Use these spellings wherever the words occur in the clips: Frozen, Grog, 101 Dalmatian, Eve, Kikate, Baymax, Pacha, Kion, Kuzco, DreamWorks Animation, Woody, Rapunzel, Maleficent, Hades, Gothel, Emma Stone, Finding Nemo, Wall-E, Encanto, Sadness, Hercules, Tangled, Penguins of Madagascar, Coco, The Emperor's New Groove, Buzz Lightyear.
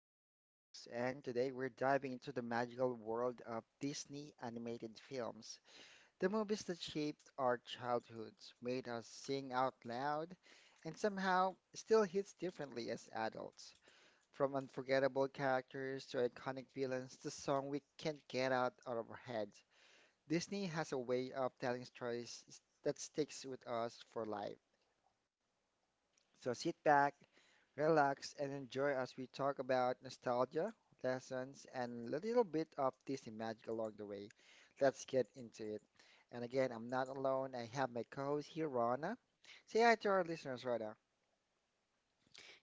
Popcorn Talks, and today we're diving into the magical world of Disney animated films, the movies that shaped our childhoods, made us sing out loud, and somehow still hits differently as adults. From unforgettable characters to iconic villains to song we can't get out of our heads, Disney has a way of telling stories that sticks with us for life. So sit back, relax, and enjoy as we talk about nostalgia, lessons, and a little bit of Disney magic along the way. Let's get into it. And again, I'm not alone. I have my co-host here, Rana. Say hi to our listeners, Rana.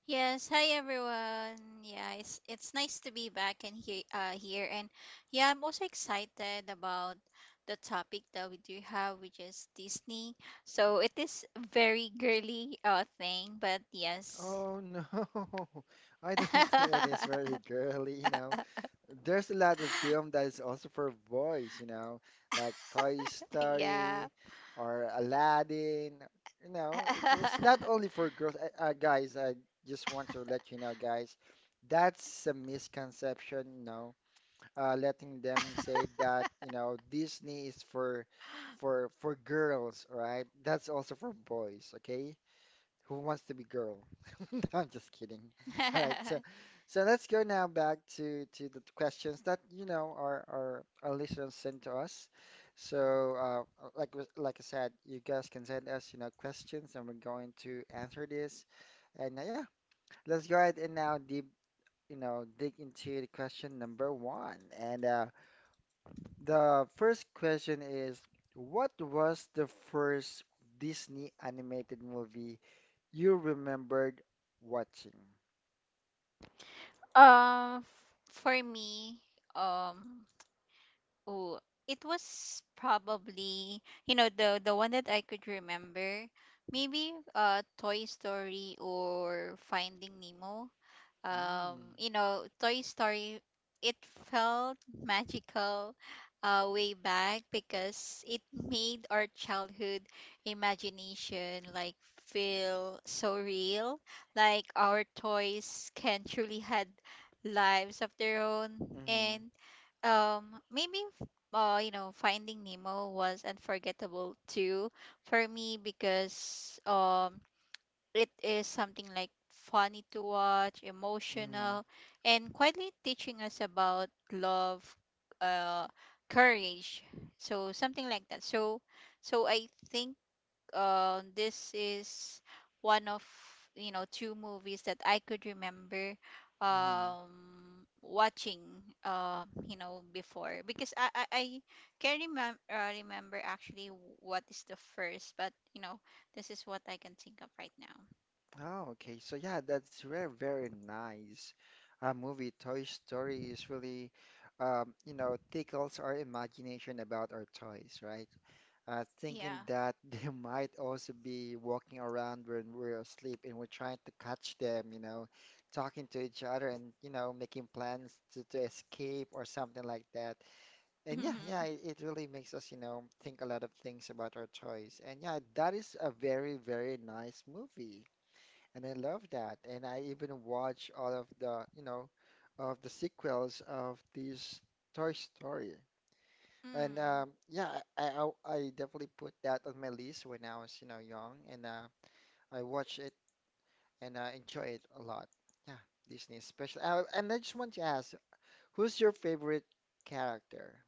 Yes, hi everyone. Yeah, it's nice to be back and here here and yeah, I'm also excited about the topic that we do have, which is Disney. So it is very girly thing, but yes. Oh no, I don't think it is very girly. There's a lot of film that is also for boys, like Toy Yeah. Story or Aladdin. It's not only for girls. Guys, I just want to let you know, guys, that's a misconception, letting them say that, Disney is for girls, right? That's also for boys, okay? Who wants to be girl? No, I'm just kidding. All right, so so let's go now back to the questions that our listeners sent to us. So like like I said, you guys can send us questions, and we're going to answer this. And yeah, let's go ahead and now deep you know dig into the question number one. And the first question is, what was the first Disney animated movie you remembered watching? Um, for me, um, oh, it was probably, the one that I could remember, maybe Toy Story or Finding Nemo, Mm. You know, Toy Story, it felt magical way back because it made our childhood imagination like feel so real. Like our toys can truly had lives of their own. Mm-hmm, And um, maybe, you know, Finding Nemo was unforgettable too for me because it is something like funny to watch, mm-hmm, emotional, and quietly teaching us about love, uh, courage. So something like that. So, so I think this is one of, you know, two movies that I could remember mm-hmm. Watching you know before because I can remember remember actually what is the first, but you know this is what I can think of right now. Oh, okay. So yeah, that's very, very nice. Movie Toy Story is really, tickles our imagination about our toys, right? Yeah. Thinking that they might also be walking around when we're asleep and we're trying to catch them, you know, talking to each other and, you know, making plans to escape or something like that. And yeah, yeah, Mhm. it really makes us, you know, think a lot of things about our toys. And yeah, that is a very, very nice movie. And I love that. And I even watch all of the sequels of this Toy Story. And Mm. Yeah, I definitely put that on my list when I was, you know, young, and I watch it and enjoy it a lot. Yeah, Disney especially. And I just want to ask, who's your favorite character?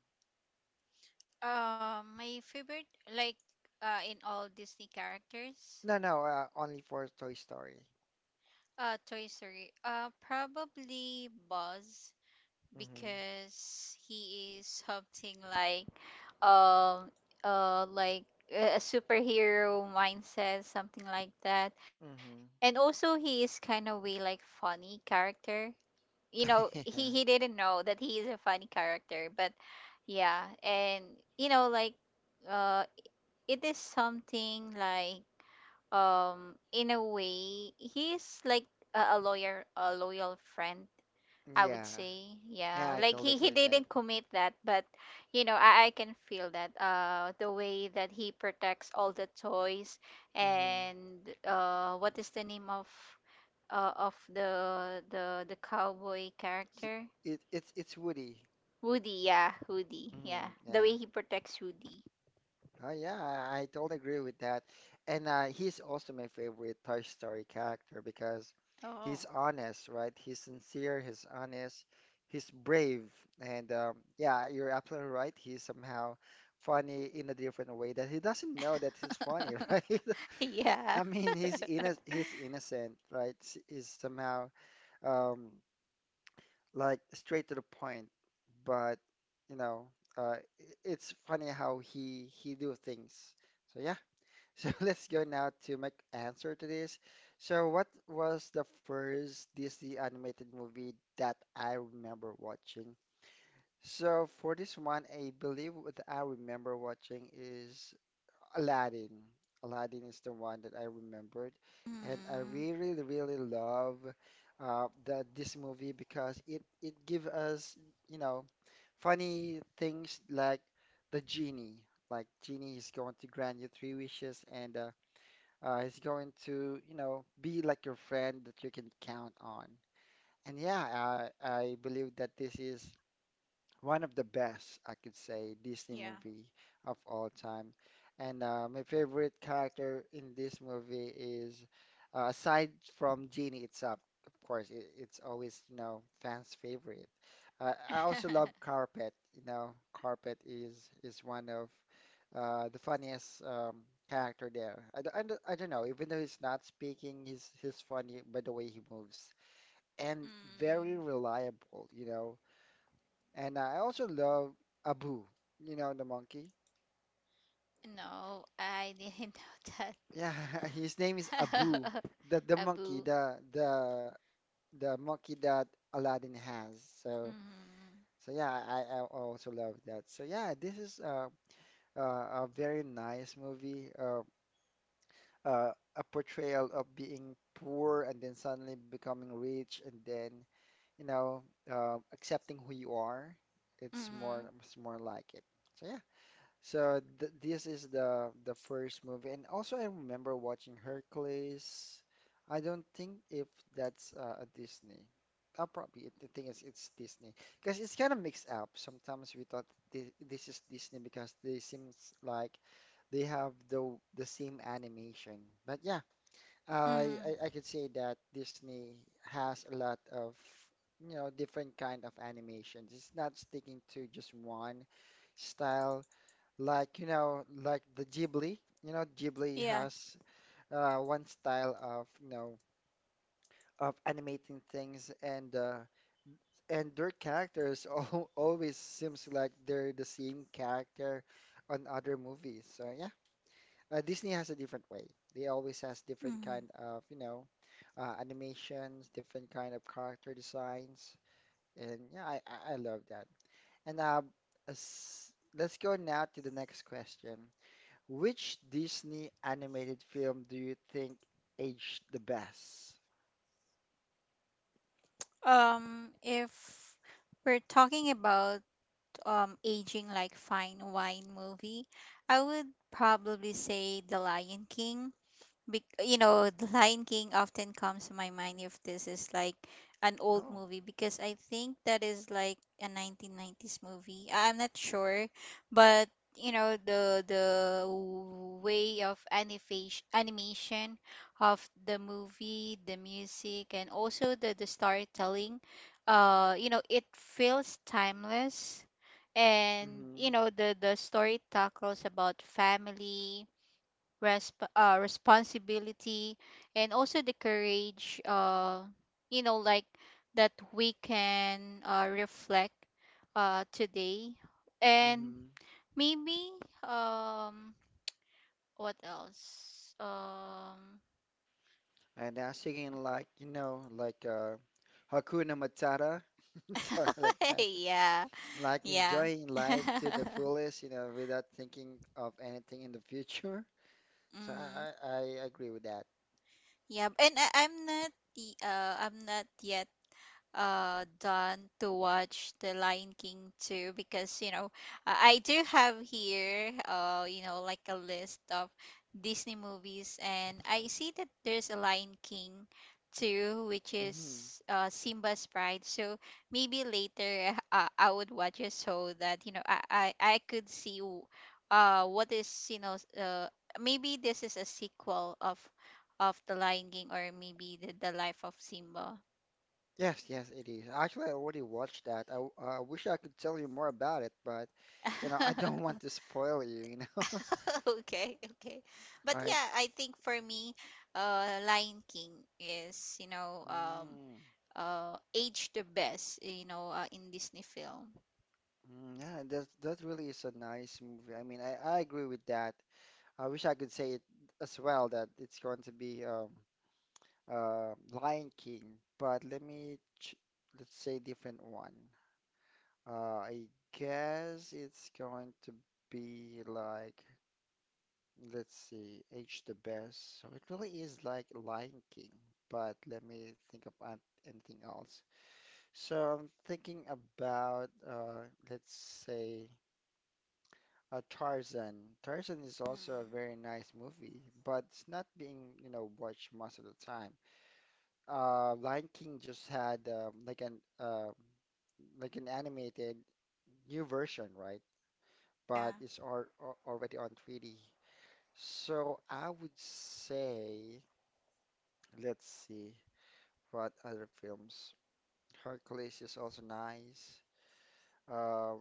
My favorite, like, in all Disney characters, No, no, only for Toy Story. Toy Story, probably Buzz Mm-hmm. because he is something um, like a superhero mindset, something like that, and Mm-hmm. also he is kind of way like funny character. You know, Yeah. he didn't know that he is a funny character, but yeah, and you know, like, uh it is something like, in a way he's like a loyal friend, I would Yeah. say, Yeah, yeah. I Like totally he agree he with that. didn't commit that, but you know, I can feel that the way that he protects all the toys Mm-hmm. and what is the name of the cowboy character? It's Woody. Woody, yeah, Woody. Yeah. Mm-hmm. The Yeah. way he protects Woody. Oh yeah, I totally agree with that. And he's also my favorite Toy Story character because he's Oh. honest, right? He's sincere, he's honest, he's brave, and yeah, you're absolutely right. He's somehow funny in a different way that he doesn't know that he's funny, right? I Yeah. mean, he's inno he's innocent, right? He's somehow um, like straight to the point, but you know, uh, i- it's funny how he do things. So yeah. So let's go now to my answer to this. So what was the first Disney animated movie that I remember watching? So for this one, I believe what I remember watching is Aladdin. Aladdin is the one that I remembered, and I Mm, really, really love the this movie because it give us, you know, funny things like the genie. Like genie is going to grant you three wishes and he's going to, you know, be like your friend that you can count on. And yeah, I believe that this is one of the best, I could say, Disney yeah. movie of all time. And my favorite character in this movie is, aside from Genie itself, of course, it's always, you know, fans' favorite. I also love Carpet. Carpet is one of the funniest character there. I don't know, even though he's not speaking, he's funny by the way he moves and very Mm, reliable. And I also love Abu, the monkey. no, I didn't know that. Yeah, his name is Abu, the monkey, Abu. the monkey that Aladdin has. So Mm-hmm. so yeah, I also love that. So yeah, this is a very nice movie. Uh, a portrayal of being poor and then suddenly becoming rich and then you know accepting who you are. It's Mm. more it's more like it. So yeah. So th this is the first movie, and also I remember watching Hercules. I don't think if that's a Disney. Probably the thing is it's Disney because it's kind of mixed up. Sometimes we thought this is Disney because they seems like they have the same animation. But yeah, I, Mm, I I could say that Disney has a lot of different kind of animations. It's not sticking to just one style. Like the Ghibli. Ghibli yeah. has one style of animating things, and and their characters al always seems like they're the same character on other movies. So Disney has a different way. They always has different kind Mm. of, animations, different kind of character designs, and yeah, I love that. And uh, as, let's go now to the next question. Which Disney animated film do you think aged the best? If we're talking about aging like fine wine movie, I would probably say The Lion King. Bec You know, The Lion King often comes to my mind if this is like an old Oh, movie because I think that is like a 1990s movie. I- I'm not sure, but you know the way of animation of the movie, the music, and also the storytelling. You know, it feels timeless, and mm-hmm, you know the story tackles about family, responsibility, and also the courage, you know, like that we can, reflect today. And mm-hmm. maybe, um what else? And now singing like, Hakuna Matata, something like that. Yeah. Like Yeah. enjoying life to the fullest, without thinking of anything in the future. So Hmm. I agree with that. Yeah. And I'm not yet done to watch The Lion King too because you know I do have here you know like a list of Disney movies, and I see that there's a Lion King too, which Hmm. is Simba's Pride. So maybe later I would watch it so that you know I could see what is, you know, uh maybe this is a sequel of the Lion King, or maybe the life of Simba. Yes, yes, it is. Actually, I already watched that. I wish I could tell you more about it, but I don't want to spoil you, you know. All Okay, okay. But right. yeah, I think for me, Lion King is, you know, Mm, aged the best, you know, in Disney film. mm, yeah, that really is a nice movie. I mean, I agree with that. I wish I could say it as well that it's going to be Lion King, but let me ch let's say different one. Uh, I guess it's going to be like, let's see, H the Best. So it really is like Lion King, but let me think of anything else. So I'm thinking about, let's say, Tarzan. Tarzan is also a very nice movie, but it's not being, watched most of the time. Lion King just had like an animated new version, right? But Yeah. it's already on 3D. So I would say, let's see what other films. Hercules is also nice. Uh,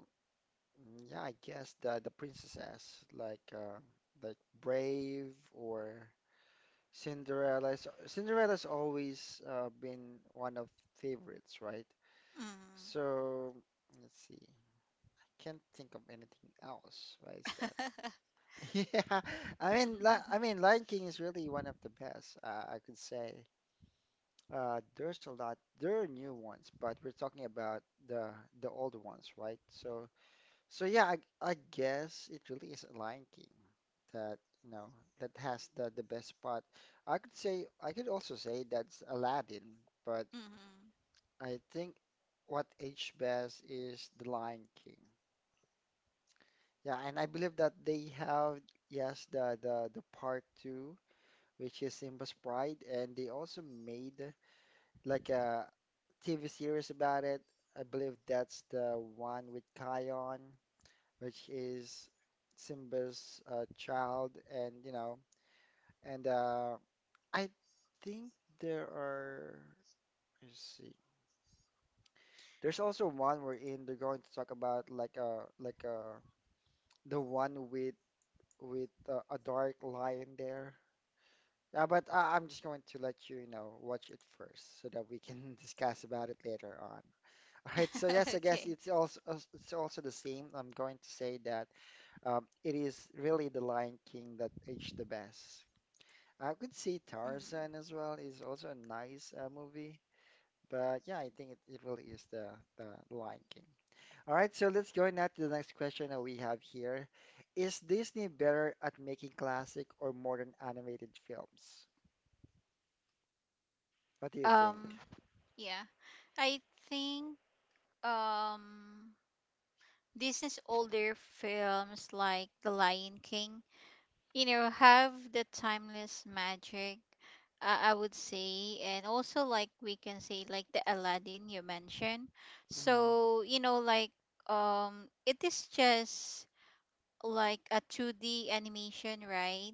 yeah, I guess the princesses like like Brave or Cinderella. Cinderella's always been one of favorites, right? So let's see. Can't think of anything else. Why is that? Mm. Yeah, I mean, I mean, Lion King is really one of the best, I could say. There's a lot. There are new ones, but we're talking about the the old ones, right? So, yeah, I guess it really is Lion King that you know that has the best part. I could also say that's Aladdin, but Mhm. I think what aged best is the Lion King. Yeah, and I believe that they have, yes, the part two, which is Simba's Pride, and they also made like a TV series about it. I believe that's the one with Kion, which is Simba's child, and and uh, I think there are. Let's see. There's also one wherein they're going to talk about the one with a dark lion there. Yeah, but I'm just going to let you watch it first so that we can discuss about it later on. All right, so yes, I guess Okay. it's also the same. I'm going to say that it is really The Lion King that aged the best. I could say Mhm. Tarzan as well is also a nice movie, but yeah, I think it really is the Lion King. All right, so let's go now to the next question that we have here. Is Disney better at making classic or modern animated films? What do you think? Um, yeah. I think, um Disney's older films like The Lion King, you know, have the timeless magic, I would say, and also, like, we can say like the Aladdin you mentioned. Mhm. So, you know, like, it is just like a 2D animation, right?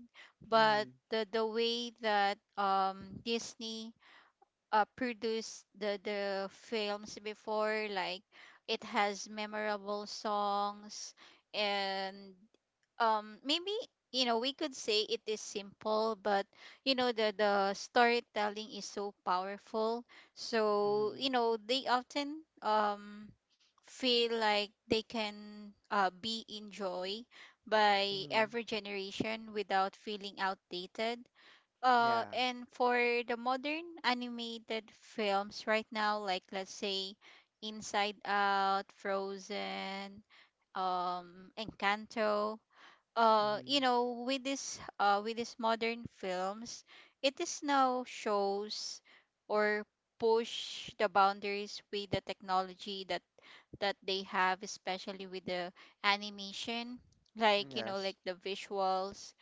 But Mhm. The way that, Disney produced the films before, like, it has memorable songs and, maybe, you know, we could say it is simple, but you know the storytelling is so powerful, so, Mhm. you know, they often, um feel like they can, be enjoyed by Mhm. every generation without feeling outdated. Uh, Yeah. and for the modern animated films right now, like, let's say Inside Out, Frozen, Encanto, you Mhm. know, with this with these modern films, it is now shows or push the boundaries with the technology that they have, especially with the animation, like, you know, like Yes. the visuals,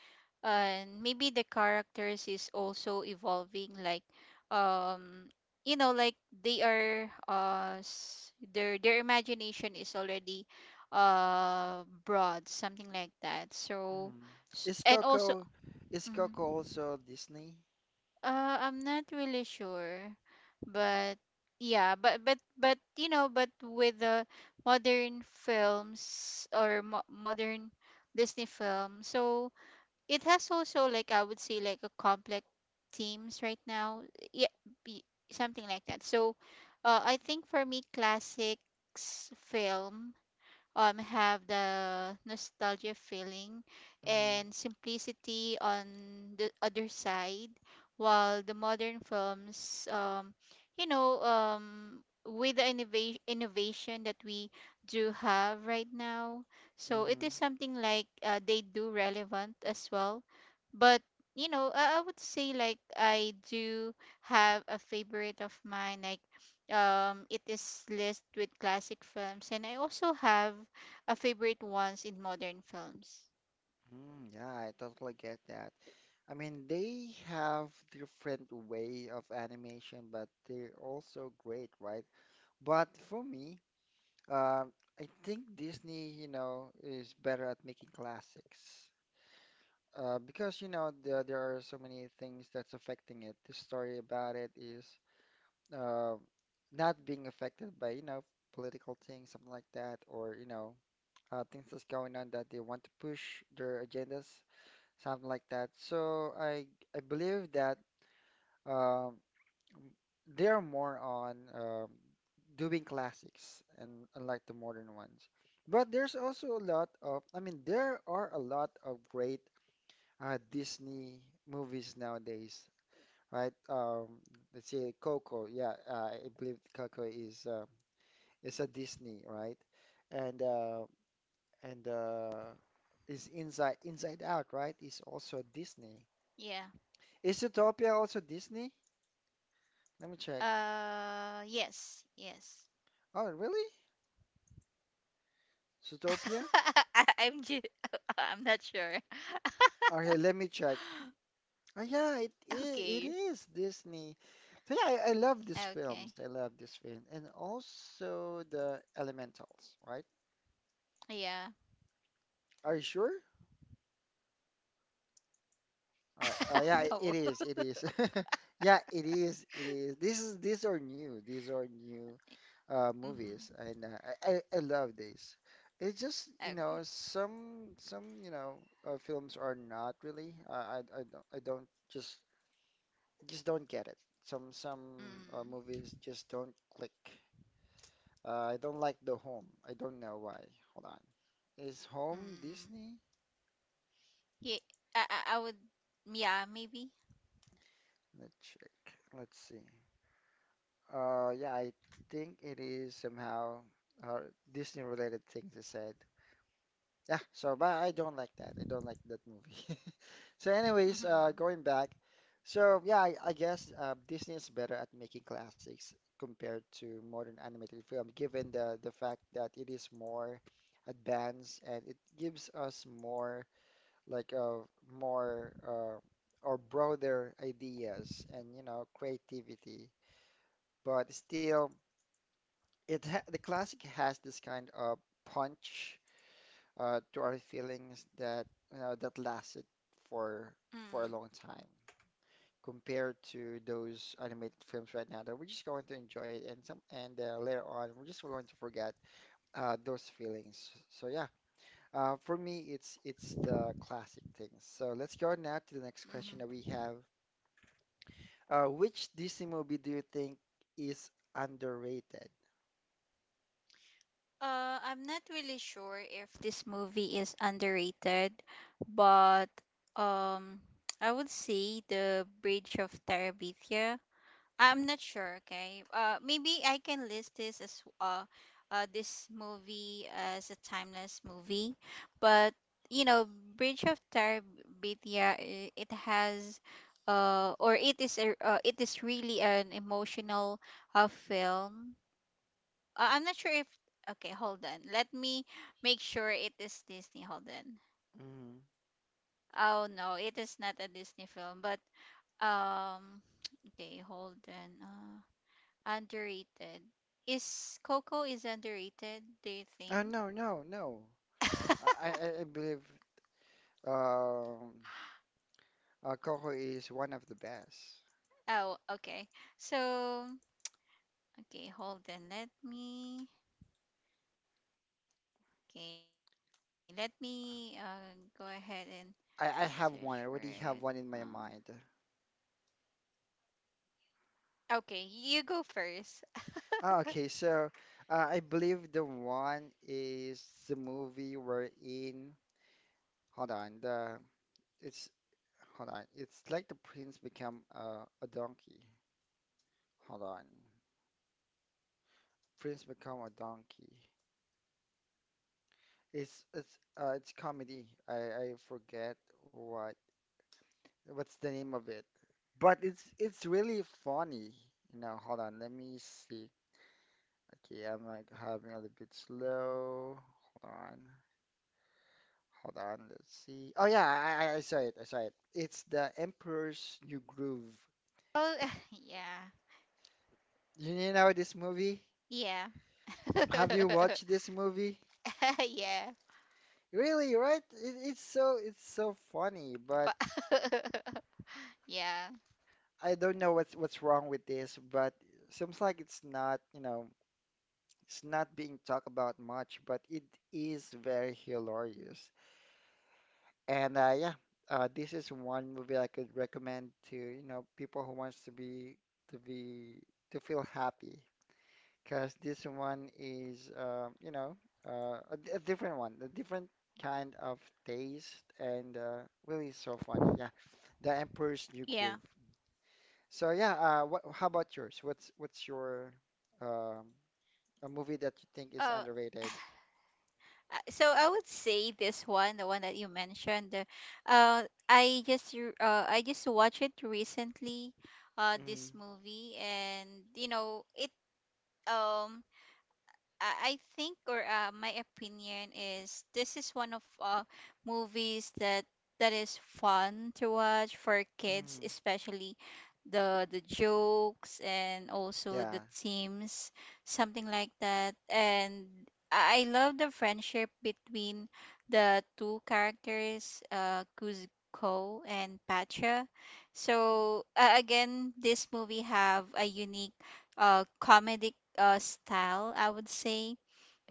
and maybe the characters is also evolving, like, um you know, like, they are their imagination is already broad, something like that. So, Mhm. s Is and also Coco is mhm. Coco also Disney? Uh, I'm not really sure, but yeah. But you know, but with the modern films, or mo modern Disney film, so it has also, like, I would say like a complex themes right now. Yeah, be something like that. So, I think for me, classics film, have the nostalgia feeling Mhm. and simplicity on the other side, while the modern films, you know, with the innovation that we do have right now, so it is Mhm. something like, they do relevant as well. But you know, I would say like I do have a favorite of mine, like, it is list with classic films, and I also have a favorite ones in modern films. Mm, yeah, I totally get that. I mean, they have different way of animation, but they're also great, right? But for me, uh, I think Disney, is better at making classics. Because there are so many things that's affecting it. The story about it is uh, not being affected by political things, something like that, or things that's going on that they want to push their agendas, something like that. So I believe that um, they're more on doing classics and unlike the modern ones. But there's also a lot of, I mean, there are a lot of great Disney movies nowadays, right? Let's say Coco. Yeah, I believe Coco is a Disney, right? And uh, and is Inside Out, right? Is also Disney. Yeah. Is Zootopia also Disney? Let me check. Uh, yes, yes. Oh, really? Zootopia? I, I'm just, I'm not sure. Okay, let me check. Oh, yeah, it Okay. is Disney. So yeah, I love these films. Okay. I love this film, and also the Elementals, right? Yeah. Are you sure? All right. Yeah, it No. is. It is. Yeah, it is. It is. This is These are new. These are new movies, Hmm. and I love this. It's just Okay. some films are not really. I don't just don't get it. Some movies Mm. just don't click. I don't like the home. I don't know why. Hold on. Is home Mm. Disney? Yeah. I would. Yeah. Maybe. Let's check. Let's see. Yeah, I think it is somehow uh, Disney-related thing to said. Yeah, so but I don't like that. I don't like that movie. So, anyways, Mm-hmm. going back. So yeah, I guess Disney is better at making classics compared to modern animated film, given the fact that it is more advanced and it gives us more like more or broader ideas and creativity but still it ha the classic has this kind of punch to our feelings that that lasted for for a Mm. long time compared to those animated films right now that we're just going to enjoy it and later on we're just going to forget those feelings. So yeah, for me it's the classic things. So let's go now to the next question that we Mm-hmm. have. Which Disney movie do you think is underrated? I'm not really sure if this movie is underrated, but, um, I would say The Bridge of Terabithia. I'm not sure, okay? Maybe I can list this as this movie as a timeless movie, but you know, Bridge of Terabithia, it has, or it is a, it is really an emotional, film. Uh, I'm not sure if. Okay, hold on. Let me make sure it is Disney. Hold on. Mm. Oh no, it is not a Disney film, but um. Okay, hold on. Underrated. Is Coco is underrated? Do you Oh think? no no no. I, I I believe um, Coco is one of the best. Oh, okay. So, okay, hold on. Let me. Okay, let me go ahead and search for it. I have Um. one. I already have one in my mind. Okay, you go first. Okay, so I believe the one is the movie we're in. Hold on, the it's hold on. It's like the prince become a donkey. Hold on, prince become a donkey. It's comedy. I forget what what's the name of it? But it's really funny. You know, hold on, let me see. Okay, I'm like having a little bit slow. Hold on, hold on, let's see. Oh yeah, I saw it, I saw it. It's the Emperor's New Groove. Oh, You know this movie? yeah, yeah. Have you watched this movie? Yeah. Really, right? It's so funny, but Fa- yeah. I don't know what's wrong with this, but seems like it's not, you know. It's not being talked about much, but it is very hilarious. And this is one movie I could recommend to, you know, people who wants to be to be to feel happy because this one is, a different one, a different kind of taste, and really so funny. Yeah, The Emperor's New Yeah. Groove. So yeah, how about yours? What's your um, a movie that you Oh, think is underrated? so I would say this one, the one that you mentioned. Uh, I just I just watched it recently. This Mhm. movie, and you know it. Um, I think, or my opinion is, this is one of movies that is fun to watch for kids, Mm, especially the jokes and also yeah. the themes, something like that. And I love the friendship between the two characters, Kuzco and Pacha. So, again, this movie have a unique, comedic, style, I would say.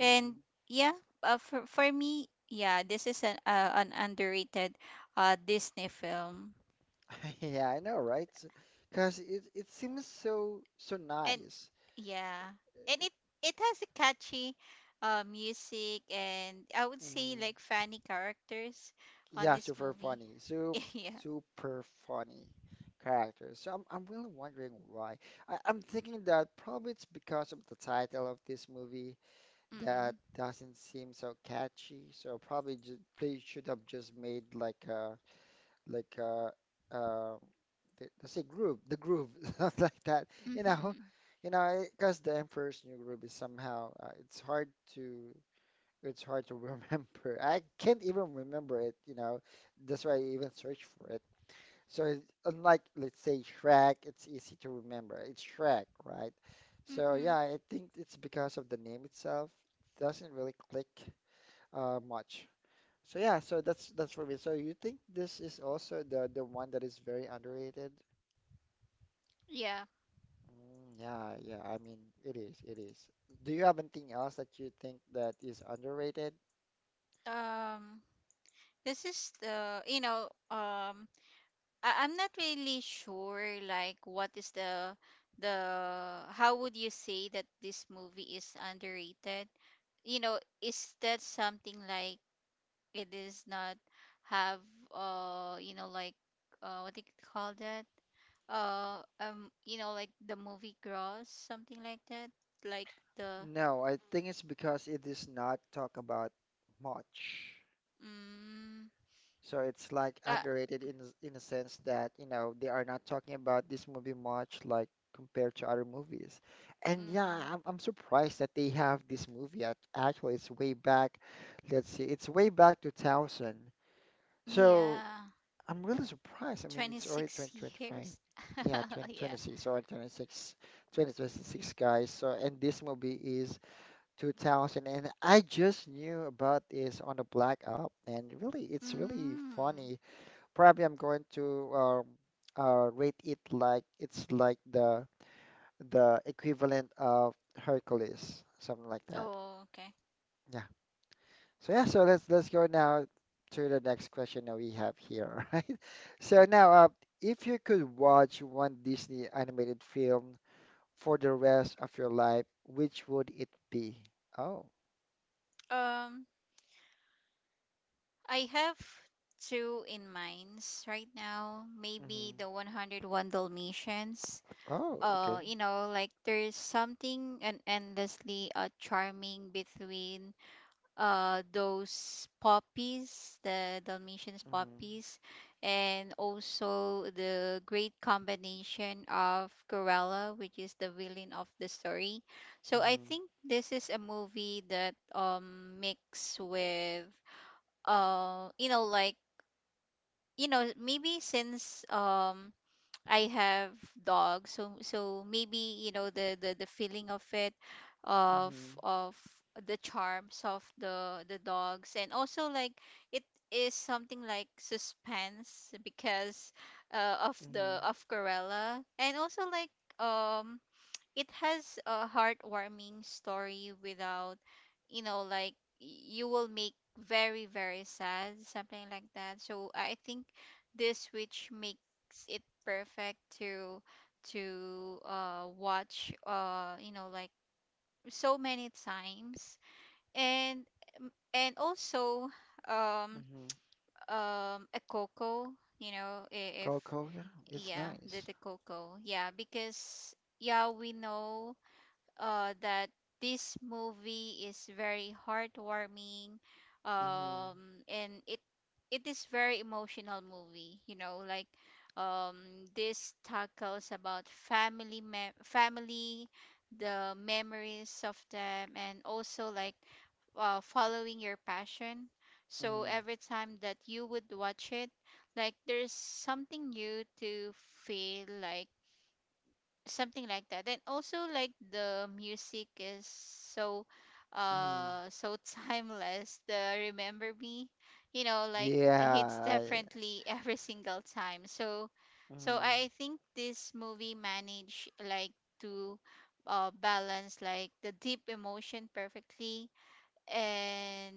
Mm. yeah, for me, yeah, this is an underrated, Disney film. Yeah, I know, right? Because it seems so so And nice. yeah, and It- it has a catchy, music, and I would say Mm. like funny characters on Yeah, this super movie. funny. So Yeah. super funny characters. So I'm really wondering why. I'm thinking that probably it's because of the title of this movie Mm-mm. that doesn't seem so catchy. So probably ju they should have just made like a like uh, uh, let's say groove, the groove, something like that. You know, Mm-mm. you know, because the Emperor's New Groove is somehow to it's hard to remember. I can't even remember it. You know, that's why I even search for it. So unlike let's say Shrek, it's easy to remember. It's Shrek, right? So Mm-mm. yeah, I think it's because of the name itself. Doesn't really click much. So yeah, so that's for me. So you think this is also the one that is very underrated? Yeah. Mm, yeah, yeah. I mean, it is, it is. Do you have anything else that you think that is underrated? Um, this is the, you know, I- I'm not really sure like what is the how would you say that this movie is underrated? You know, is that something like it is not have, you know, like, what do you call that? Uh, you know, like, the movie gross, something like that, like, the No, I think it's because it is not talked about much. mm So it's like uh underrated in in a sense that, you know, they are not talking about this movie much like compared to other movies. And yeah, mm, I'm surprised that they have this movie. Actually, it's way back. Let's see. It's way back 2000. So, yeah. I'm really surprised. I mean, it's already 26 2025. years. Yeah, Yeah. 2026 or 26, 2026 guys. So, and this movie is 2000 and I just knew about this on the Black Up and really it's really Mm. funny probably I'm going to rate it like it's like the equivalent of Hercules, something like that. Oh, okay. Yeah. So yeah, so let's go now to the next question that we have here, right? So now, if you could watch one Disney animated film for the rest of your life, which would it be? Oh. Um, I have two in minds right now. Maybe Hmm. the 101 Dalmatians. Oh, okay. Like there's something an endlessly charming between those poppies, the dalmatians Hmm. poppies, and also the great combination of Cruella, which is the villain of the story. So I Hmm. think this is a movie that mix with. uh you know like Maybe since I have dogs, so maybe, the the feeling of it, of Hmm. of the charms of the dogs, and also like it is something like suspense because, of Hmm. the of Corella, and also like, um it has a heartwarming story without, you know like you will make very very sad, something like that. So I think this, which makes it perfect to watch, so many times. And and also, um Hmm. A coco, you know, if. Coco, yeah, it's Yeah, the nice. Coco, yeah. Because yeah, we know, that this movie is very heartwarming. Mhm. um, and it is very emotional movie, you know, like. um, this tackles about family, family, the memories of them, and also like following your passion. So Mm. every time that you would watch it, like there's something new to feel, like something like that. And also, like, the music is so Mm. So timeless, the remember me, you know, like it hits Yeah, I. differently every single time. So Mm. I think this movie managed, like, to balance, like, the deep emotion perfectly. And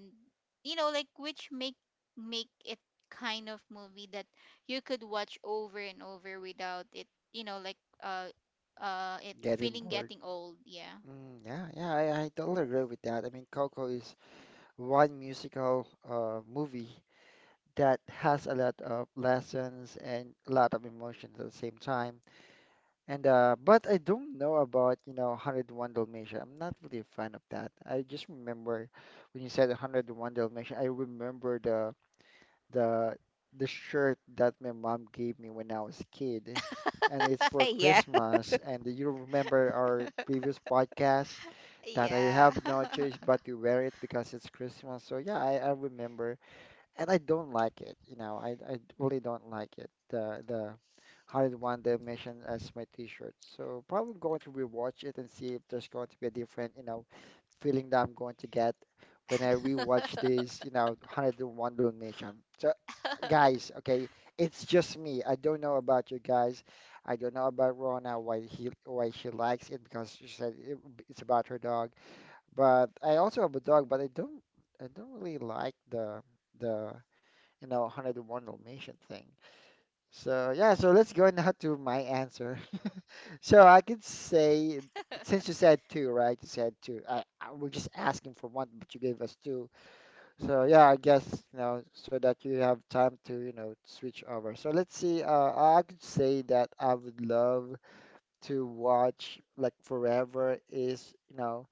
you know, like which make it kind of movie that you could watch over and over without it, you know, like uh it Getting feeling bored. getting old. Yeah. Mm, yeah, yeah, I totally agree with that. I mean, Coco is one musical movie that has a lot of lessons and a lot of emotions at the same time. And but I don't know about, you know, 101 Dalmatian. I'm not really a fan of that. I just remember when you said 101 Dalmatian, I remember the the shirt that my mom gave me when I was a kid, and it's for Yeah. Christmas. And do you remember our previous podcast that I have Yeah. no choice but to wear it because it's Christmas? So yeah, I remember and I don't like it. You know, I really don't like it. The 101 Dalmatian as my T-shirt. So probably going to rewatch it and see if there's going to be a different, you know, feeling that I'm going to get when I rewatch this, you know, 101 Dalmatian. So guys, okay, it's just me. I don't know about you guys. I don't know about Rona why he why she likes it because she said it's about her dog. But I also have a dog, but I don't really like the you know, 101 Dalmatian thing. So yeah, so let's go now to my answer. So I could say, since you said two, right? You said two. I we're just asking for one, but you gave us two. So yeah, I guess you know, so that you have time to you know switch over. So let's see. I could say that I would love to watch like forever is you know,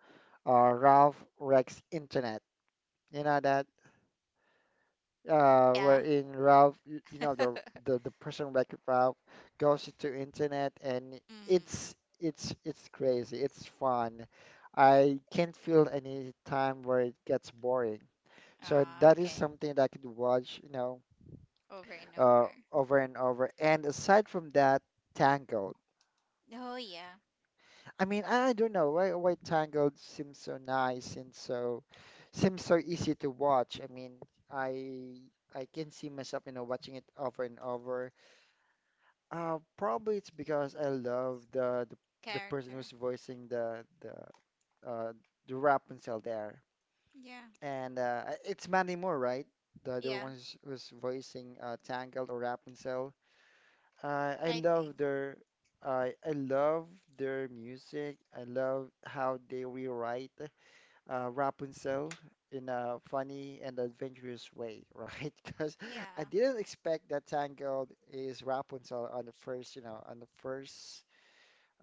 Ralph Rex Internet. You know that Yeah. wherein Ralph, you know, the the person Wreck-It Ralph goes into internet and Mm. It's crazy. It's fun. I can't feel any time where it gets boring. So Ah, that is okay. something that I could watch, you know, Over and over. over and over. And aside from that, Tangled. Oh yeah. I mean, I don't know why Tangled seems so nice and so seems so easy to watch. I mean, I I can see myself, you know, watching it over and over. Probably it's because I love the person who's Character. voicing uh, the Rapunzel there, Yeah. and it's Mandy Moore, right? The one Yeah, who's, who's voicing Tangled or Rapunzel. Uh, I I love think. their I love their music. I love how they rewrite Rapunzel in a funny and adventurous way, right? Because I Yeah. didn't expect that Tangled is Rapunzel on the first, you know, on the first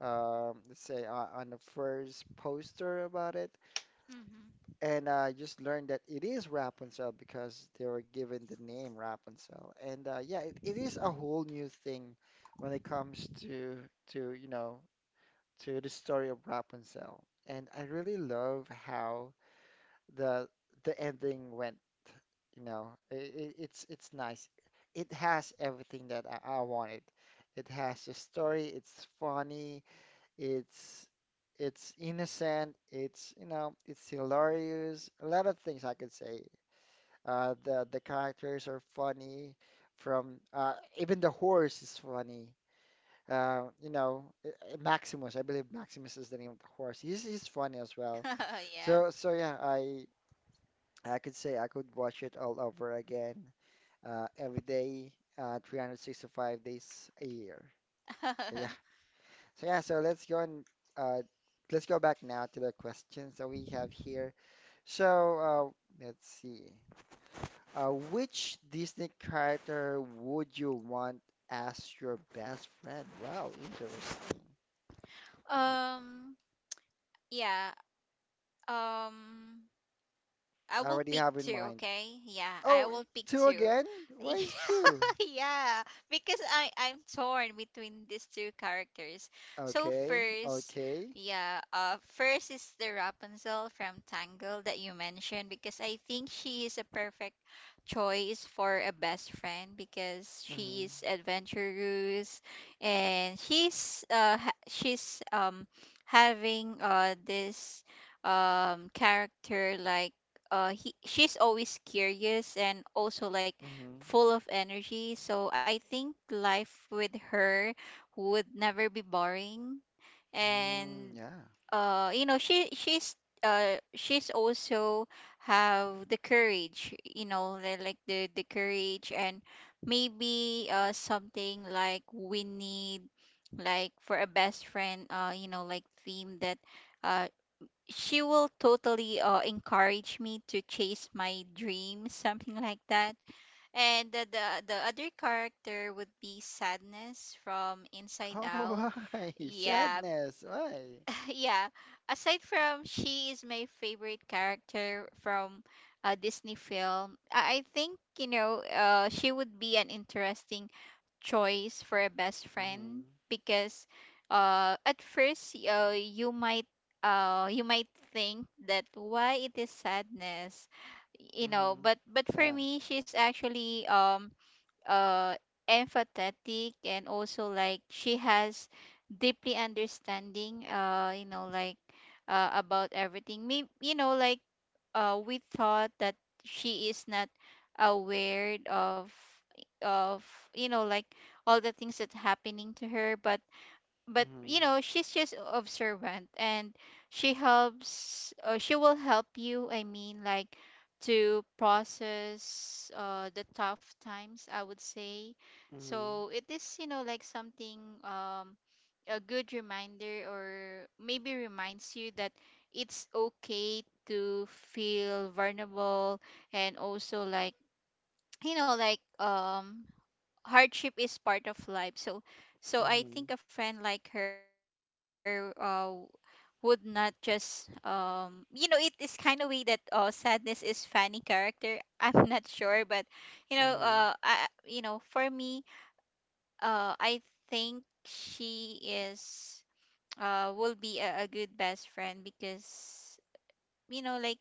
let's say on the first poster about it, Mm-hmm. and I just learned that it is Rapunzel because they were given the name Rapunzel, and yeah, it is a whole new thing when it comes to to you know to the story of Rapunzel, and I really love how the the ending went. You know, it's nice. It has everything that I wanted. It has the story. It's funny. It's it's innocent. It's you know it's hilarious. A lot of things I could say. The characters are funny. From even the horse is funny. You know Maximus. I believe Maximus is the name of the horse. He's funny as well. So yeah, I could say I could watch it all over again every day, 365 days a year. Yeah. So yeah. So yeah, so Uh, let's go back now to the questions that we have here. So let's see. Which Disney character would you want as your best friend? Wow, interesting. um yeah. um I I will already pick have in two, mind. okay? Yeah, I Oh, will pick two two. again? Why is two? Yeah, because I'm torn between these two characters. So Okay, first, okay. yeah, first is the Rapunzel from Tangled that you mentioned, because I think she is a perfect choice for a best friend because Mm-hmm. she is adventurous. And she's she's having this character like he she's always curious and also, like, Mm-hmm. full of energy. So I think life with her would never be boring. Mm, And yeah. You know, she's also have the courage, you know, like the courage. And maybe something like we need, like, for a best friend, you know, like theme that, uh she will totally encourage me to chase my dreams, something like that. And the, the other character would be Sadness from Inside Oh, Out. why? Yeah. Sadness. Why? Yeah. Aside from, she is my favorite character from a Disney film. I think, you know, she would be an interesting choice for a best friend, Mm-hmm. because at first, you might think that why it is sadness, you know. Mm-hmm. But for Yeah. me, she's actually uh empathetic, and also, like, she has deeply understanding, you know, like, about everything. Maybe, you know, like, we thought that she is not aware of of you know, like, all the things that happening to her. But you Mm-hmm. know, she's just observant. And she helps, she will help you, I mean, like, to process the tough times, I would say. Mhm. So it is, you know, like something, um, a good reminder, or maybe reminds you that it's okay to feel vulnerable. And also, like, you know, like, hardship is part of life. So I Mhm. think a friend like her, would not just, you know, it is kind of way that, sadness is funny character, I'm not sure, but you know, Mhm. I, you know, for me, I think she is will be a good best friend, because, you know, like,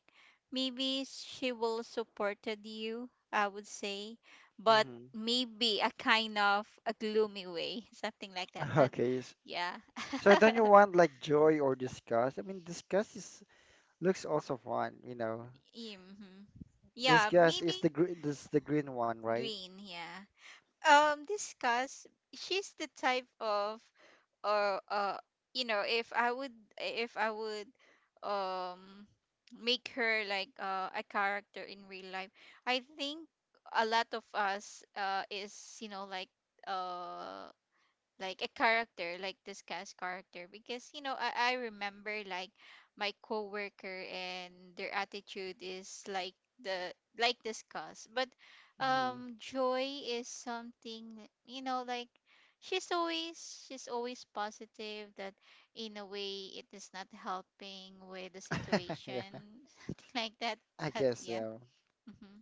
maybe she will supported you, I would say. But Mhm. maybe a kind of a gloomy way, something like that. But Okay. Yeah. So don't you want like joy or disgust? I mean, disgust is looks also fun, you know. Mm-hmm. Yeah, Disgust is maybe. the green, this the green one, right? Green, yeah. Discuss, she's the type of, or, you know, if I would, if I would, um make her like, a character in real life, I think a lot of us, is, you know, like, uh like a character like this cast character. Because, you know, I remember, like, my coworker and their attitude is like the, like this cast. But Mhm. Joy is something, you know, like, she's always positive that, in a way, it is not helping with the Yeah, situation, something like that. I But guess yeah. so. Hmm.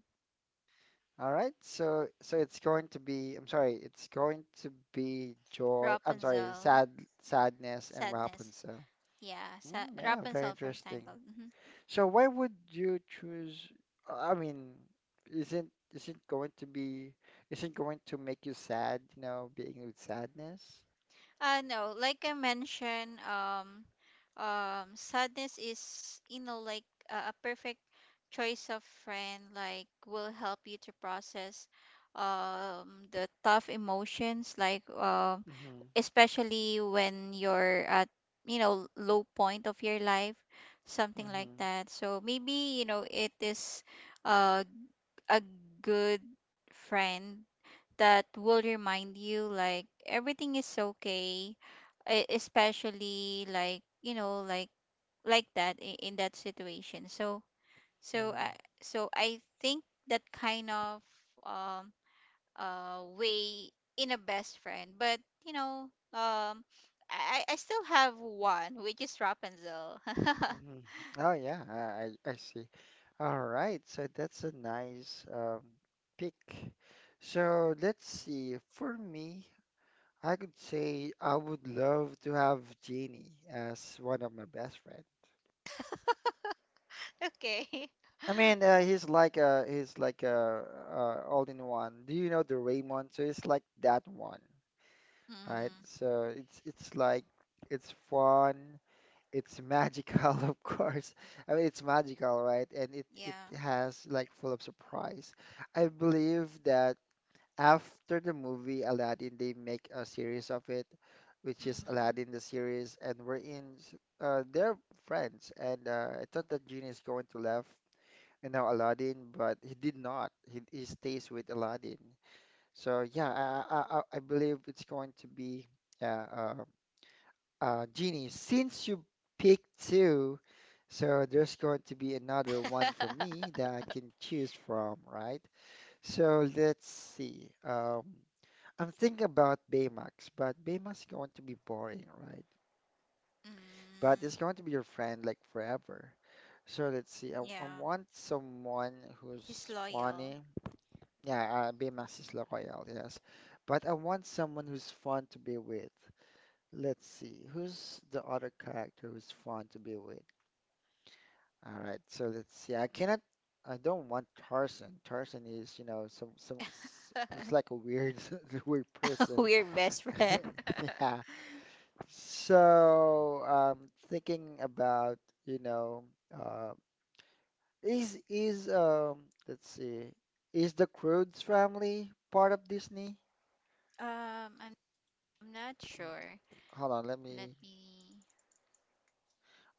All right. So so it's going to be. I'm sorry. It's going to be joy. I'm sorry. Rapunzel. Sadness, and Sadness. Rapunzel. Yeah, Mm, yeah, very Rapunzel from interesting. Tangled. Mm-hmm. So why would you choose? I mean, isn't isn't going to be isn't going to make you sad, you know, being with sadness? No, like I mentioned, sadness is, you know, like, a perfect choice of friend, like, will help you to process, the tough emotions, like, Mm-hmm. especially when you're at, you know, low point of your life, something like Mm-hmm. that. So maybe, you know, it is, uh, a good friend that will remind you, like, everything is okay, especially, like, you know, like that, in that situation. So Mm-hmm. I, so I think that kind of, um way in a best friend. But, you know, I, I still have one, which is Rapunzel. Mm-hmm. Oh yeah, I see. All right, so that's a nice pick. So let's see. For me, I could say I would love to have Jeannie as one of my best friends. Okay. I mean, he's like a all in one. Do you know the Raymond? So it's like that one, Mm, right? So it's like it's fun, it's magical, of course. I mean, it's magical, right? And it yeah. has like full of surprise. I believe that after the movie Aladdin, they make a series of it, which is Mm. Aladdin the series, and we're in. They're friends, and I thought that Genie is going to left and now Aladdin, but he did not. He stays with Aladdin. So yeah, I believe it's going to be uh, uh, Genie. Since you picked two, so there's going to be another one for me that I can choose from, right? So let's see. I'm thinking about Baymax, but Baymax is going to be boring, right? But it's Mm, going to be your friend like forever. So let's see. I yeah. want someone He's who's loyal. funny. Yeah, Baymax is loyal, yes. But I want someone who's fun to be with. Let's see, who's the other character who's fun to be with? All right, so let's see. I don't want Tarzan. Tarzan is, you know, some looks like a weird weird person. We're best friend. Yeah. So, thinking about, you know, uh, is let's see, is the Croods family part of Disney? um, I'm, I'm not sure. Hold on, let Let me me.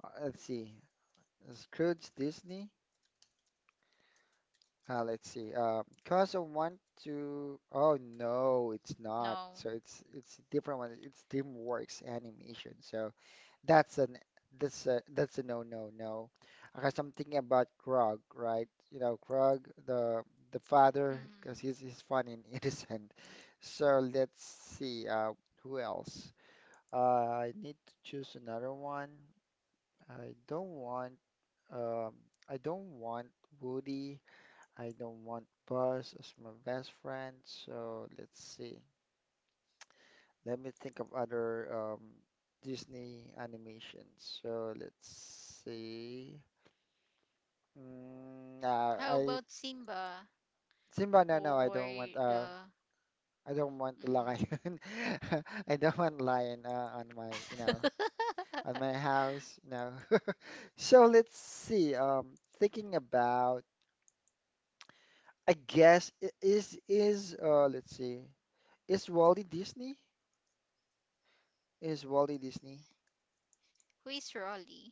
let's see. Scrooge Disney. Let's see. Cause I want to. Oh no, it's not. No. So it's a different one. It's DreamWorks Animation. So that's an that's a no no no. Because I'm thinking about Grog, right? You know, Grog, the Mm. father, because he's fun and innocent. So let's see. Who else? I need to choose another one. I don't want um, I don't want Woody. I don't want Buzz as my best friend. So let's see. Let me think of other Disney animations. So let's see. Mm, How I about Simba Simba. No, no, or I don't want. the? I don't want the Mm. lion. I don't want lion on my, you know, on my house. You know. So let's see. Thinking about. I guess I- is let's see. Is Wally Disney? Is Wally Disney? Who is Rolly?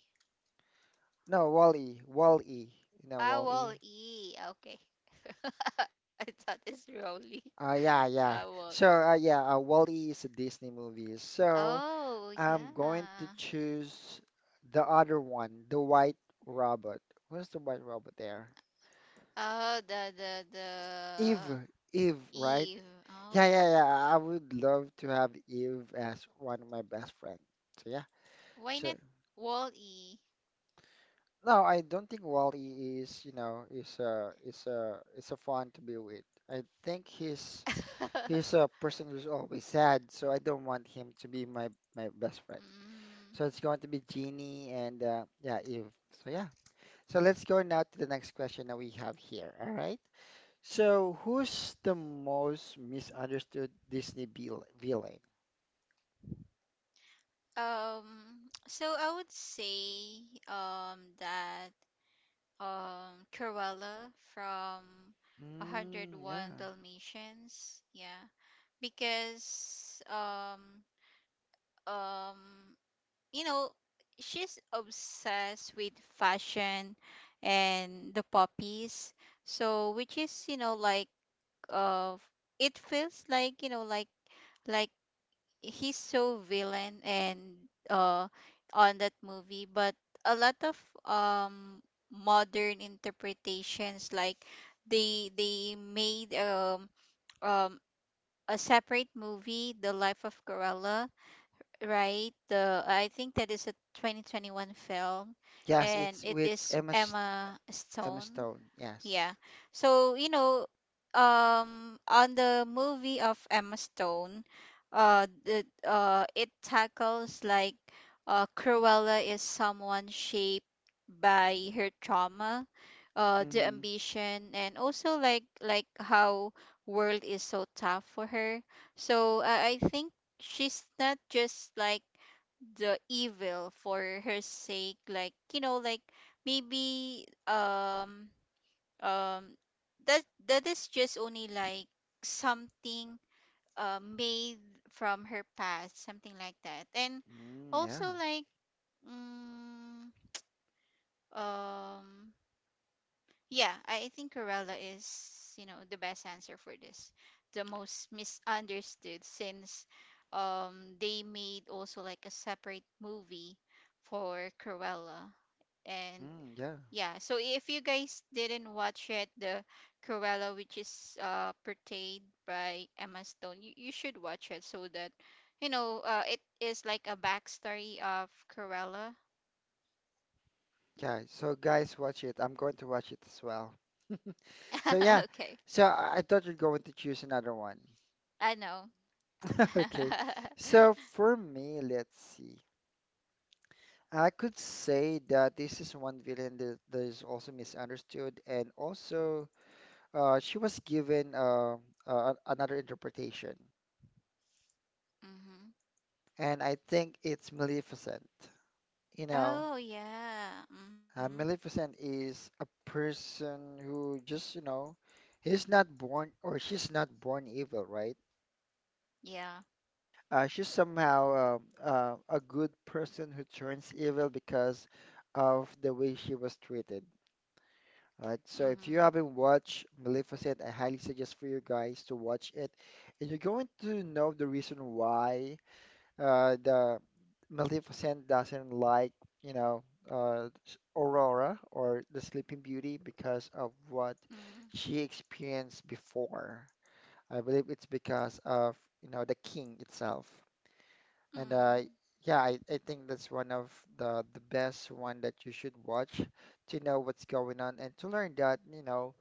No, Wally. Wally. You know I will Wally. E. Okay. I thought it's Rolly. Yeah, I yeah. will. So yeah, E is a Disney movie. So Oh I'm going to yeah. choose the other one, the White Robot. Where's the White Robot there? Oh, the Eve, Eve, right? Eve. Oh, Yeah, yeah, yeah. I would love to have Eve as one of my best friend. So yeah. why So not Wall E? no, I don't think Wally is, you know, is a fun to be with. I think he's a person who's always sad, so I don't want him to be my my best friend. Mm, So it's going to be Jeannie and yeah, Eve. So yeah. So let's go now to the next question that we have here. All right. So who's the most misunderstood Disney villain? um, so I would say, that, Cruella from Mm, 101 yeah. Dalmatians, yeah, because, um you know, she's obsessed with fashion and the puppies. So, which is, you know, like, uh it feels like, you know, like he's so villain and uh on that movie. But a lot of um modern interpretations, like, they made, um a separate movie, the life of Corella, right? The, I think that is a 2021 film. Yes, And it's it with is Emma Emma Stone, Stone. yeah. Yes. So, you know, on the movie of Emma Stone, the it tackles, like, Cruella is someone shaped by her trauma, the Mm-hmm. ambition, and also like, how world is so tough for her. So I think she's not just, like, the evil for her sake. Like, you know, like, maybe, um that, that is just only like something, made from her past, something like that. And Mm, yeah. also like, mm, um yeah, I think Corella is, you know, the best answer for this, the most misunderstood, since they made also, like, a separate movie for Corella. And. Mm, yeah, Yeah, so if you guys didn't watch it, the Cruella, which is, portrayed by Emma Stone, you should watch it, so that, you know, it is like a backstory of Cruella. yeah. So guys, watch it. I'm going to watch it as well. So yeah, Okay. so I thought you're going to choose another one. I know. Okay. So for me, let's see. I could say that this is one villain that is also misunderstood, and also she was given another interpretation, Hmm. and I think it's Maleficent. You know. Oh, yeah. Hmm. Maleficent is a person who just, you know, he's not born or she's not born evil, right? Yeah. She's somehow a good person who turns evil because of the way she was treated, right? So if Hmm. you haven't watched Maleficent, I highly suggest for you guys to watch it, and you're going to know the reason why. The Maleficent doesn't like, you know, Aurora or the Sleeping Beauty because of what Mm-hmm. she experienced before. I believe it's because of, you know, the king itself. And yeah, I think that's one of the best one that you should watch to know what's going on and to learn that, you know,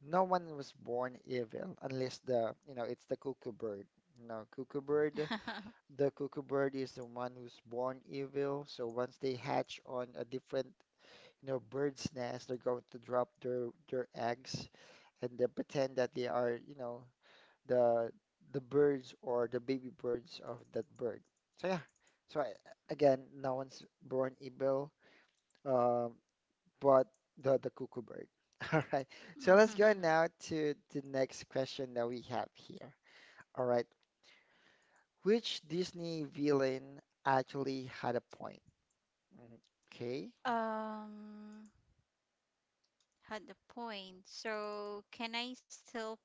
no one was born evil unless the, you know, it's the cuckoo bird. You know, cuckoo bird is the one who's born evil. So once they hatch on a different, you know, bird's nest, they're going to drop their eggs and then pretend that they are, you know, the the birds or the baby birds of that bird. So yeah. So I, again, no one's born evil, um, but the cuckoo bird. All right. So let's go now to the next question that we have here. All right. Which Disney villain actually had a point? Okay. um, had the point. So, can I still.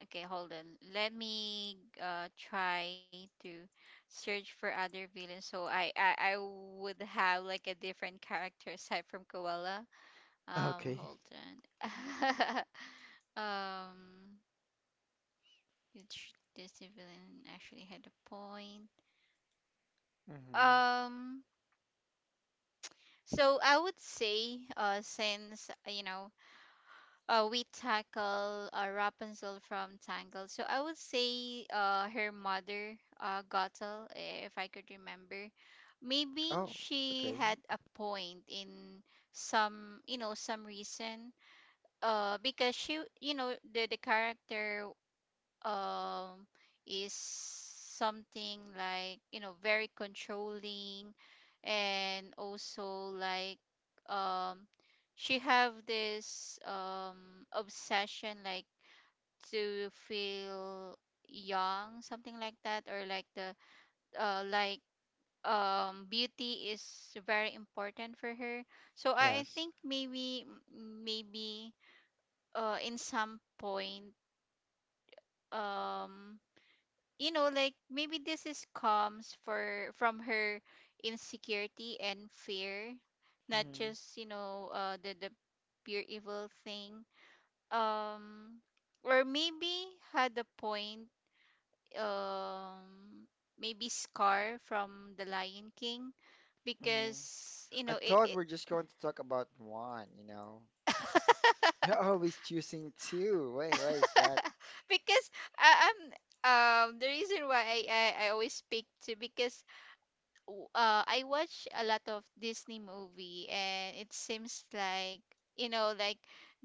Okay, hold on. Let me try to search for other villains. So, I, I would have like a different character aside from Koala. Okay. Hold on. um, which Disney villain actually had a point. Hmm. Um, so I would say, since, you know, we tackle, Rapunzel from Tangled. So I would say, her mother, Gothel, eh, if I could remember. Maybe Oh, she okay. had a point in some, you know, some reason. Because she, you know, the character um is something like, you know, very controlling. And also, like, um she have this obsession, like, to feel young, something like that, or like the, like, beauty is very important for her. So I Yes. think maybe, maybe, in some point, um you know, like, maybe this is comes for from her insecurity and fear, not Hmm. just, you know, the pure evil thing. um or maybe had a point. um Maybe Scar from the Lion King, Hmm. because, you I know, it, thought it. we're just going to talk about one, you know. You're always choosing two. Wait, why is that? Because I'm the reason why I, I always speak to, because, I watch a lot of Disney movie, and it seems like, you know, like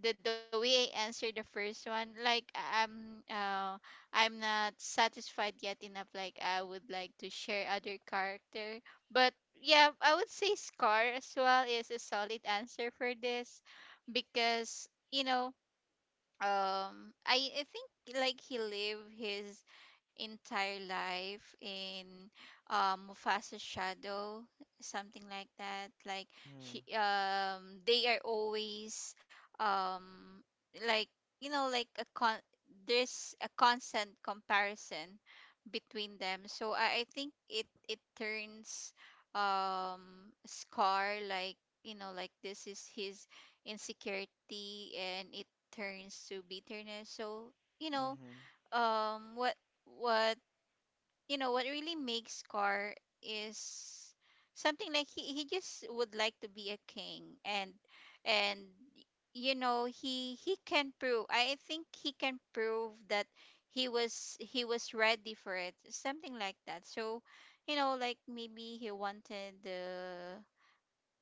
the way I answered the first one, like I'm not satisfied yet enough, like I would like to share other character. But yeah, I would say Scar as well is a solid answer for this. Because, you know, I think, like, he lived his entire life in, Mufasa's shadow, something like that. Like, she um, they are always um like, you know, like a con, there's a constant comparison between them. So I think it, it turns, Scar, like, you know, like, this is his insecurity. And it turns to bitterness. So, you know, Mm-hmm. um what what, you know, what really makes Scar is something like, he just would like to be a king. And and you know, he can prove, I think he can prove that he was, he was ready for it, something like that. So, you know, like, maybe he wanted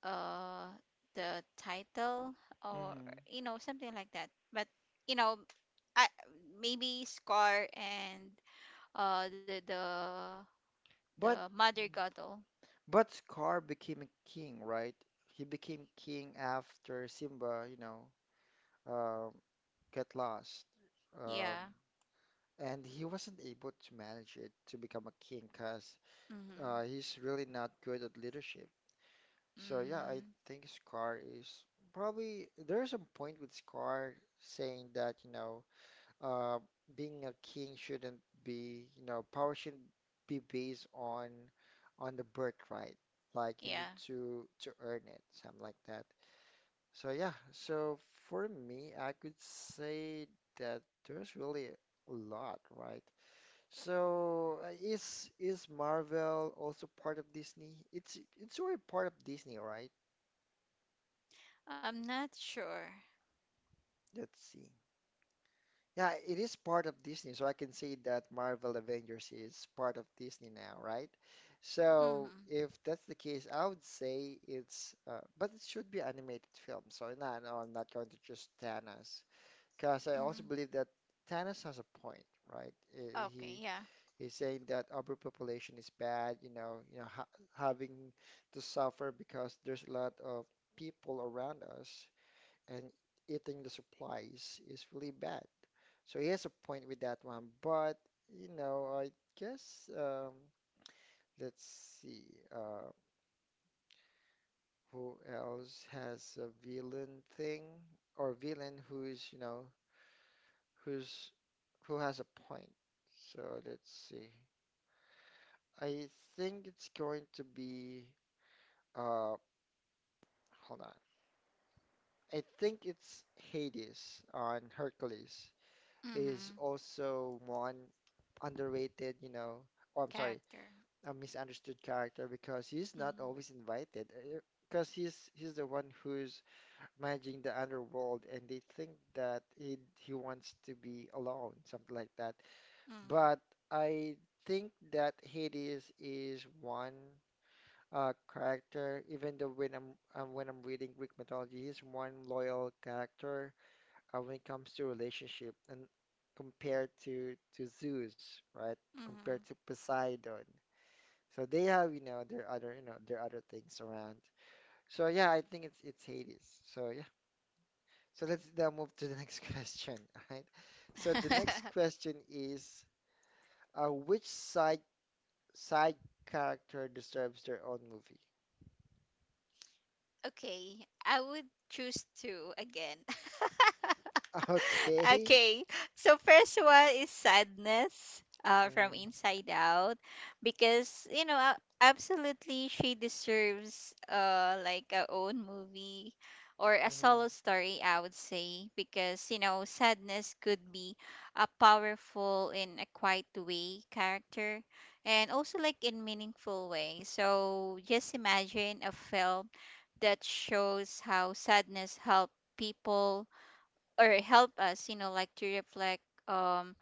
uh the title. Or, Hmm. you know, something like that, but you know, I, maybe Scar and, the, the But Mother Gato. Scar became a king, right? He became king after Simba, you know, um, get lost. Um, Yeah. and he wasn't able to manage it to become a king because Mm-hmm. He's really not good at leadership. So yeah, I Mm. think Scar is probably there's a point with Scar saying that, you know, uh, being a king shouldn't be, you know, power shouldn't be based on the birthright. Like you need Yeah, to earn it, something like that. So yeah, so for me, I could say that there's really a lot, right? So is Marvel also part of Disney? It's already part of Disney, right? I'm not sure. Let's see. Yeah, it is part of Disney, so I can say that Marvel Avengers is part of Disney now, right? So Mm-hmm. if that's the case, I would say it's, but it should be animated film. So no, no, I'm not going to choose Thanos because I also Mm-hmm. believe that Thanos has a point, right? Okay, He yeah. he's saying that overpopulation is bad, you know, ha having to suffer because there's a lot of people around us and eating the supplies is really bad. So he has a point with that one, but you know, guess um, let's see uh, who else has a villain thing or villain who's you know who's who has a point. So let's see. I think it's going to be uh hold on. I think it's Hades on Hercules. Is Mm-hmm. also one underrated, you know, oh I'm sorry, Character. a misunderstood character because he's not always Mm-hmm. invited. Because he's the one who's managing the underworld, and they think that he wants to be alone, something like that. But I think that Hades is one character, even though when I'm reading Greek mythology, he's one loyal character when it comes to relationship and compared to Zeus, right? Compared to Poseidon. So they have, you know, their other, you know, their other things around. So yeah, I think it's Hades. So yeah. So let's now move to the next question, all right? So the next Mm-hmm. question is which side character deserves their own movie? Okay, I would choose two again. Okay. Okay, so first one is sadness, from Mm, Inside Out. Because, you know, a- absolutely she deserves, like a own movie, or a mhm, solo story, I would say. Because, you know, sadness could be a powerful in a quiet way character, and also like in meaningful way. So just imagine a film that shows how sadness help people, or help us, you know, like, to reflect, um,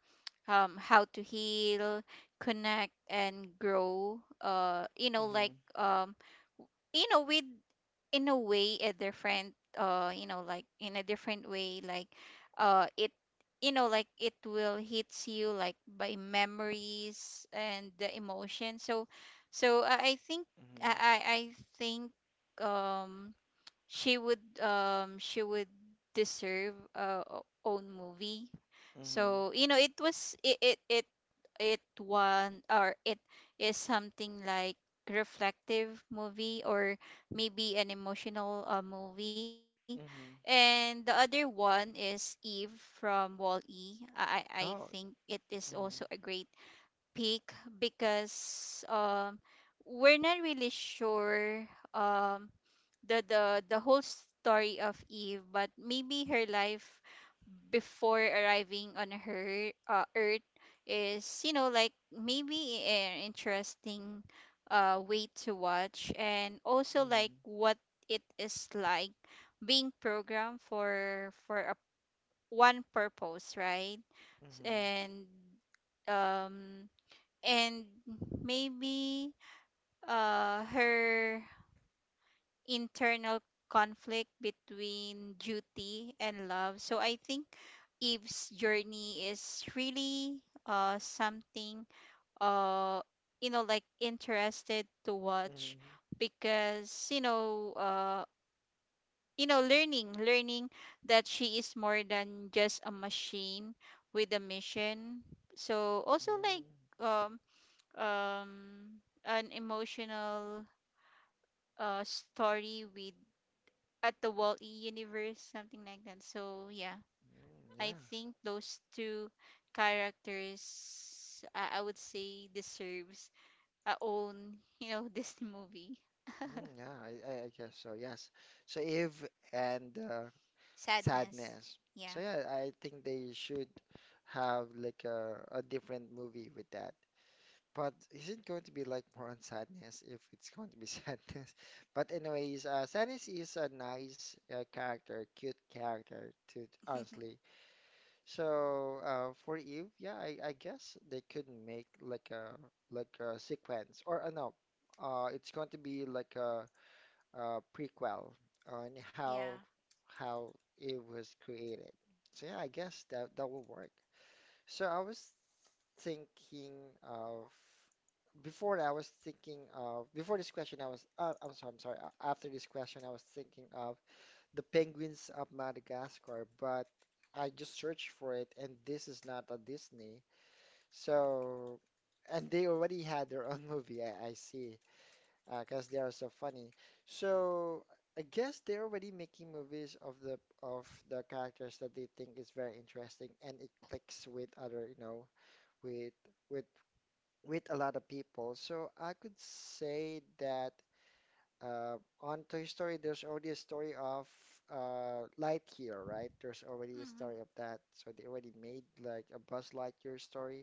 how to heal, connect, and grow. You know, mhm, like, you know, with, in a way a different, you know, like, in a different way. Like, it, you know, like, it will hits you, like, by memories and the emotion. So I think, I mhm, I think, um she would, she would deserve a own movie. mhm, So, you know, it was, it one, or it is something like reflective movie, or maybe an emotional, movie. mhm, And the other one is Eve from wall e I Oh, think it is also mhm, a great pick. Because, we're not really sure um the, whole story of Eve. But maybe her life before arriving on her, Earth, is, you know, like, maybe an interesting, way to watch. And also like, mhm, what it is like being programmed for a, one purpose, right? mhm. And um and maybe, her internal conflict between duty and love. So I think Eve's journey is really, something, uh you know, like interested to watch. Mm, Because, you know, you know, learning, that she is more than just a machine with a mission. So also like, mm, um um an emotional story with, at the Wall-E universe, something like that. So yeah, mm, I yeah, think those two characters, I would say, deserves a own, you know, Disney movie. mm, yeah, I guess so, yes. So Eve and Sadness. Sadness. So Yeah. yeah, I think they should have like a different movie with that. But is it going to be like more on Sadness if it's going to be Sadness? But anyways, Sadness is a nice character, cute character to honestly. So for Eve, yeah, I guess they could make like a sequence or no, it's going to be like a prequel on how Yeah. how it was created. So yeah, I guess that will work. So I was thinking of before I was thinking of before this question I was after this question I was thinking of the Penguins of Madagascar, but I just searched for it, and this is not a Disney. So, and they already had their own movie, I see, because they are so funny. So, I guess they're already making movies of the characters that they think is very interesting, and it clicks with other, you know, with with with a lot of people. So I could say that on Toy Story, there's already a story of Lightyear, right? There's already a story Hmm. of that, so they already made like a Buzz Lightyear story.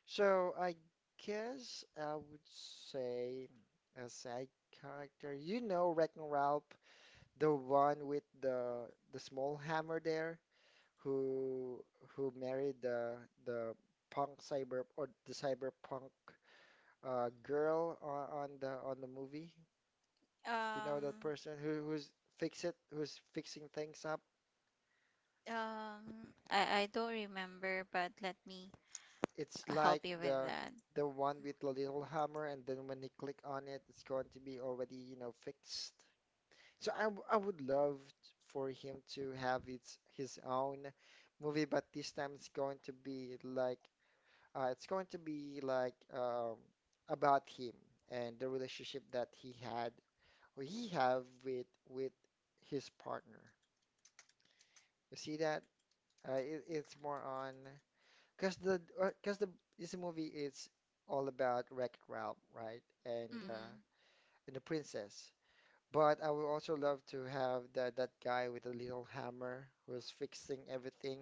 So I guess I would say a side character. You know, Wreck-It Ralph, the one with the small hammer there, who who married the punk cyber or the cyberpunk girl on, the on the movie. You know that Um, person who who's fix it, who's fixing things up. I don't remember, but let me It's like help you with that. the one with the little hammer, and then when you click on it, it's going to be already, you know, fixed. So I would love for him to have its his own movie, but this time it's going to be like it's going to be like about him and the relationship that he had or he have with his partner. You see that? It, it's more on. Because the because the this movie is all about Wreck-It Ralph, right? Mm, And the princess. But I would also love to have that guy with the little hammer who's fixing everything.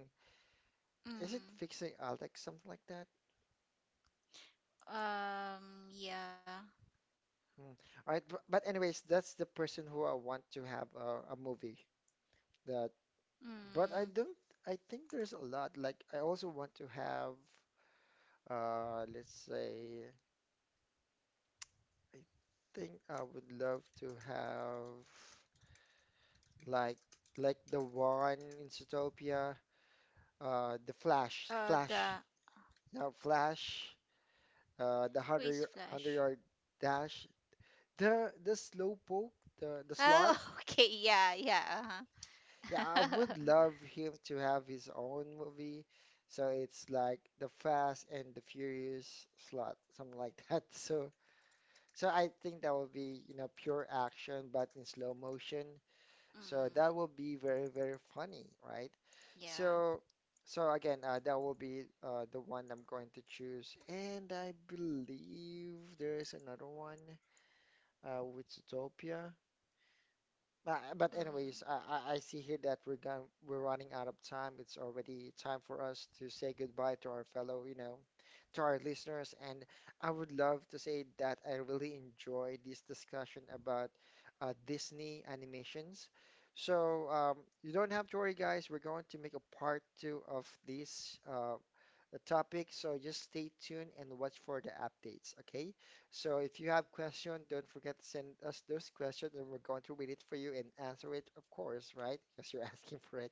Is it mm, fixing Alex, something like that? um, yeah. Mm. All right, but anyways, that's the person who I want to have a movie that. But Mm, I don't. I think there's a lot. Like I also want to have. Let's say. I think I would love to have like like the one in Zootopia, the Flash, Flash, the, now Flash, the who is hundred Flash? yard dash, the Slowpoke, the slot. Oh, okay. Yeah, yeah. Yeah, I would Uh-huh. love him to have his own movie. So it's like the Fast and the Furious slot, something like that. So so I think that would be, you know, pure action, but in slow motion. So that Mm, will be very, very funny, right? So, yeah. so again, that will be the one I'm going to choose. And I believe there is another one, with Zootopia. But Mm, anyways, I see here that we're going we're running out of time. It's already time for us to say goodbye to our fellow, you know, to our listeners. And I would love to say that I really enjoy this discussion about Disney animations. So you don't have to worry, guys. We're going to make a part two of this topic. So just stay tuned and watch for the updates. Okay. So if you have question, don't forget to send us those questions and we're going to read it for you and answer it, of course, right? Because you're asking for it.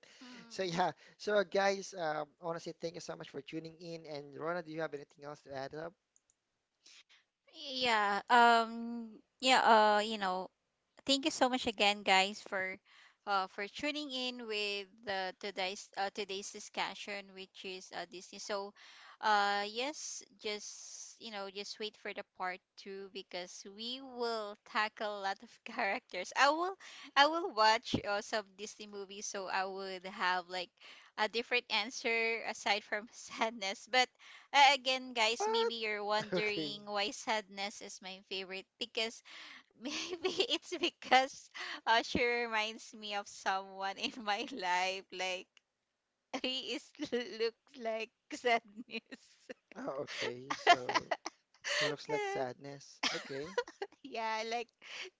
So yeah. mm. So guys, honestly, thank you so much for tuning in. And Rona, do you have anything else to add up? Yeah. Yeah, you know, thank you so much again, guys, for, for tuning in with, today's, today's discussion, which is, Disney. So, yes, just, you know, just wait for the part two, because we will tackle a lot of characters. I will, I will watch, some Disney movies, so I would have like a different answer aside from sadness. But, again, guys, What? maybe you're Okay. wondering why sadness is my favorite. Because maybe it's because, she reminds me of someone in my life. Like, he is looks like sadness. Oh, okay. So he looks like sadness. Okay. Yeah, like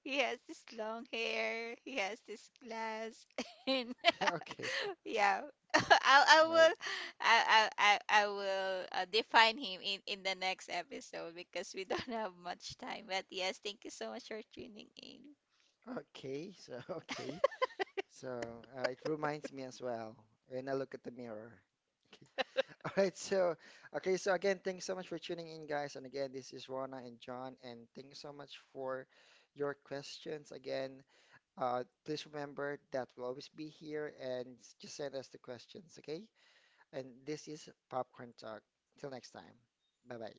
he has this long hair. He has this glass, and Okay. yeah, I All right. will, I will, define him in the next episode, because we don't have much time. But yes, thank you so much for tuning in. Okay. So okay. So it reminds me as well when I look at the mirror. Okay. All right, so okay, so again, thanks so much for tuning in, guys. And again, this is Rona and John, and thanks so much for your questions. Again, please remember that we'll always be here, and just send us the questions, okay? And this is Popcorn Talk. Till next time, bye bye.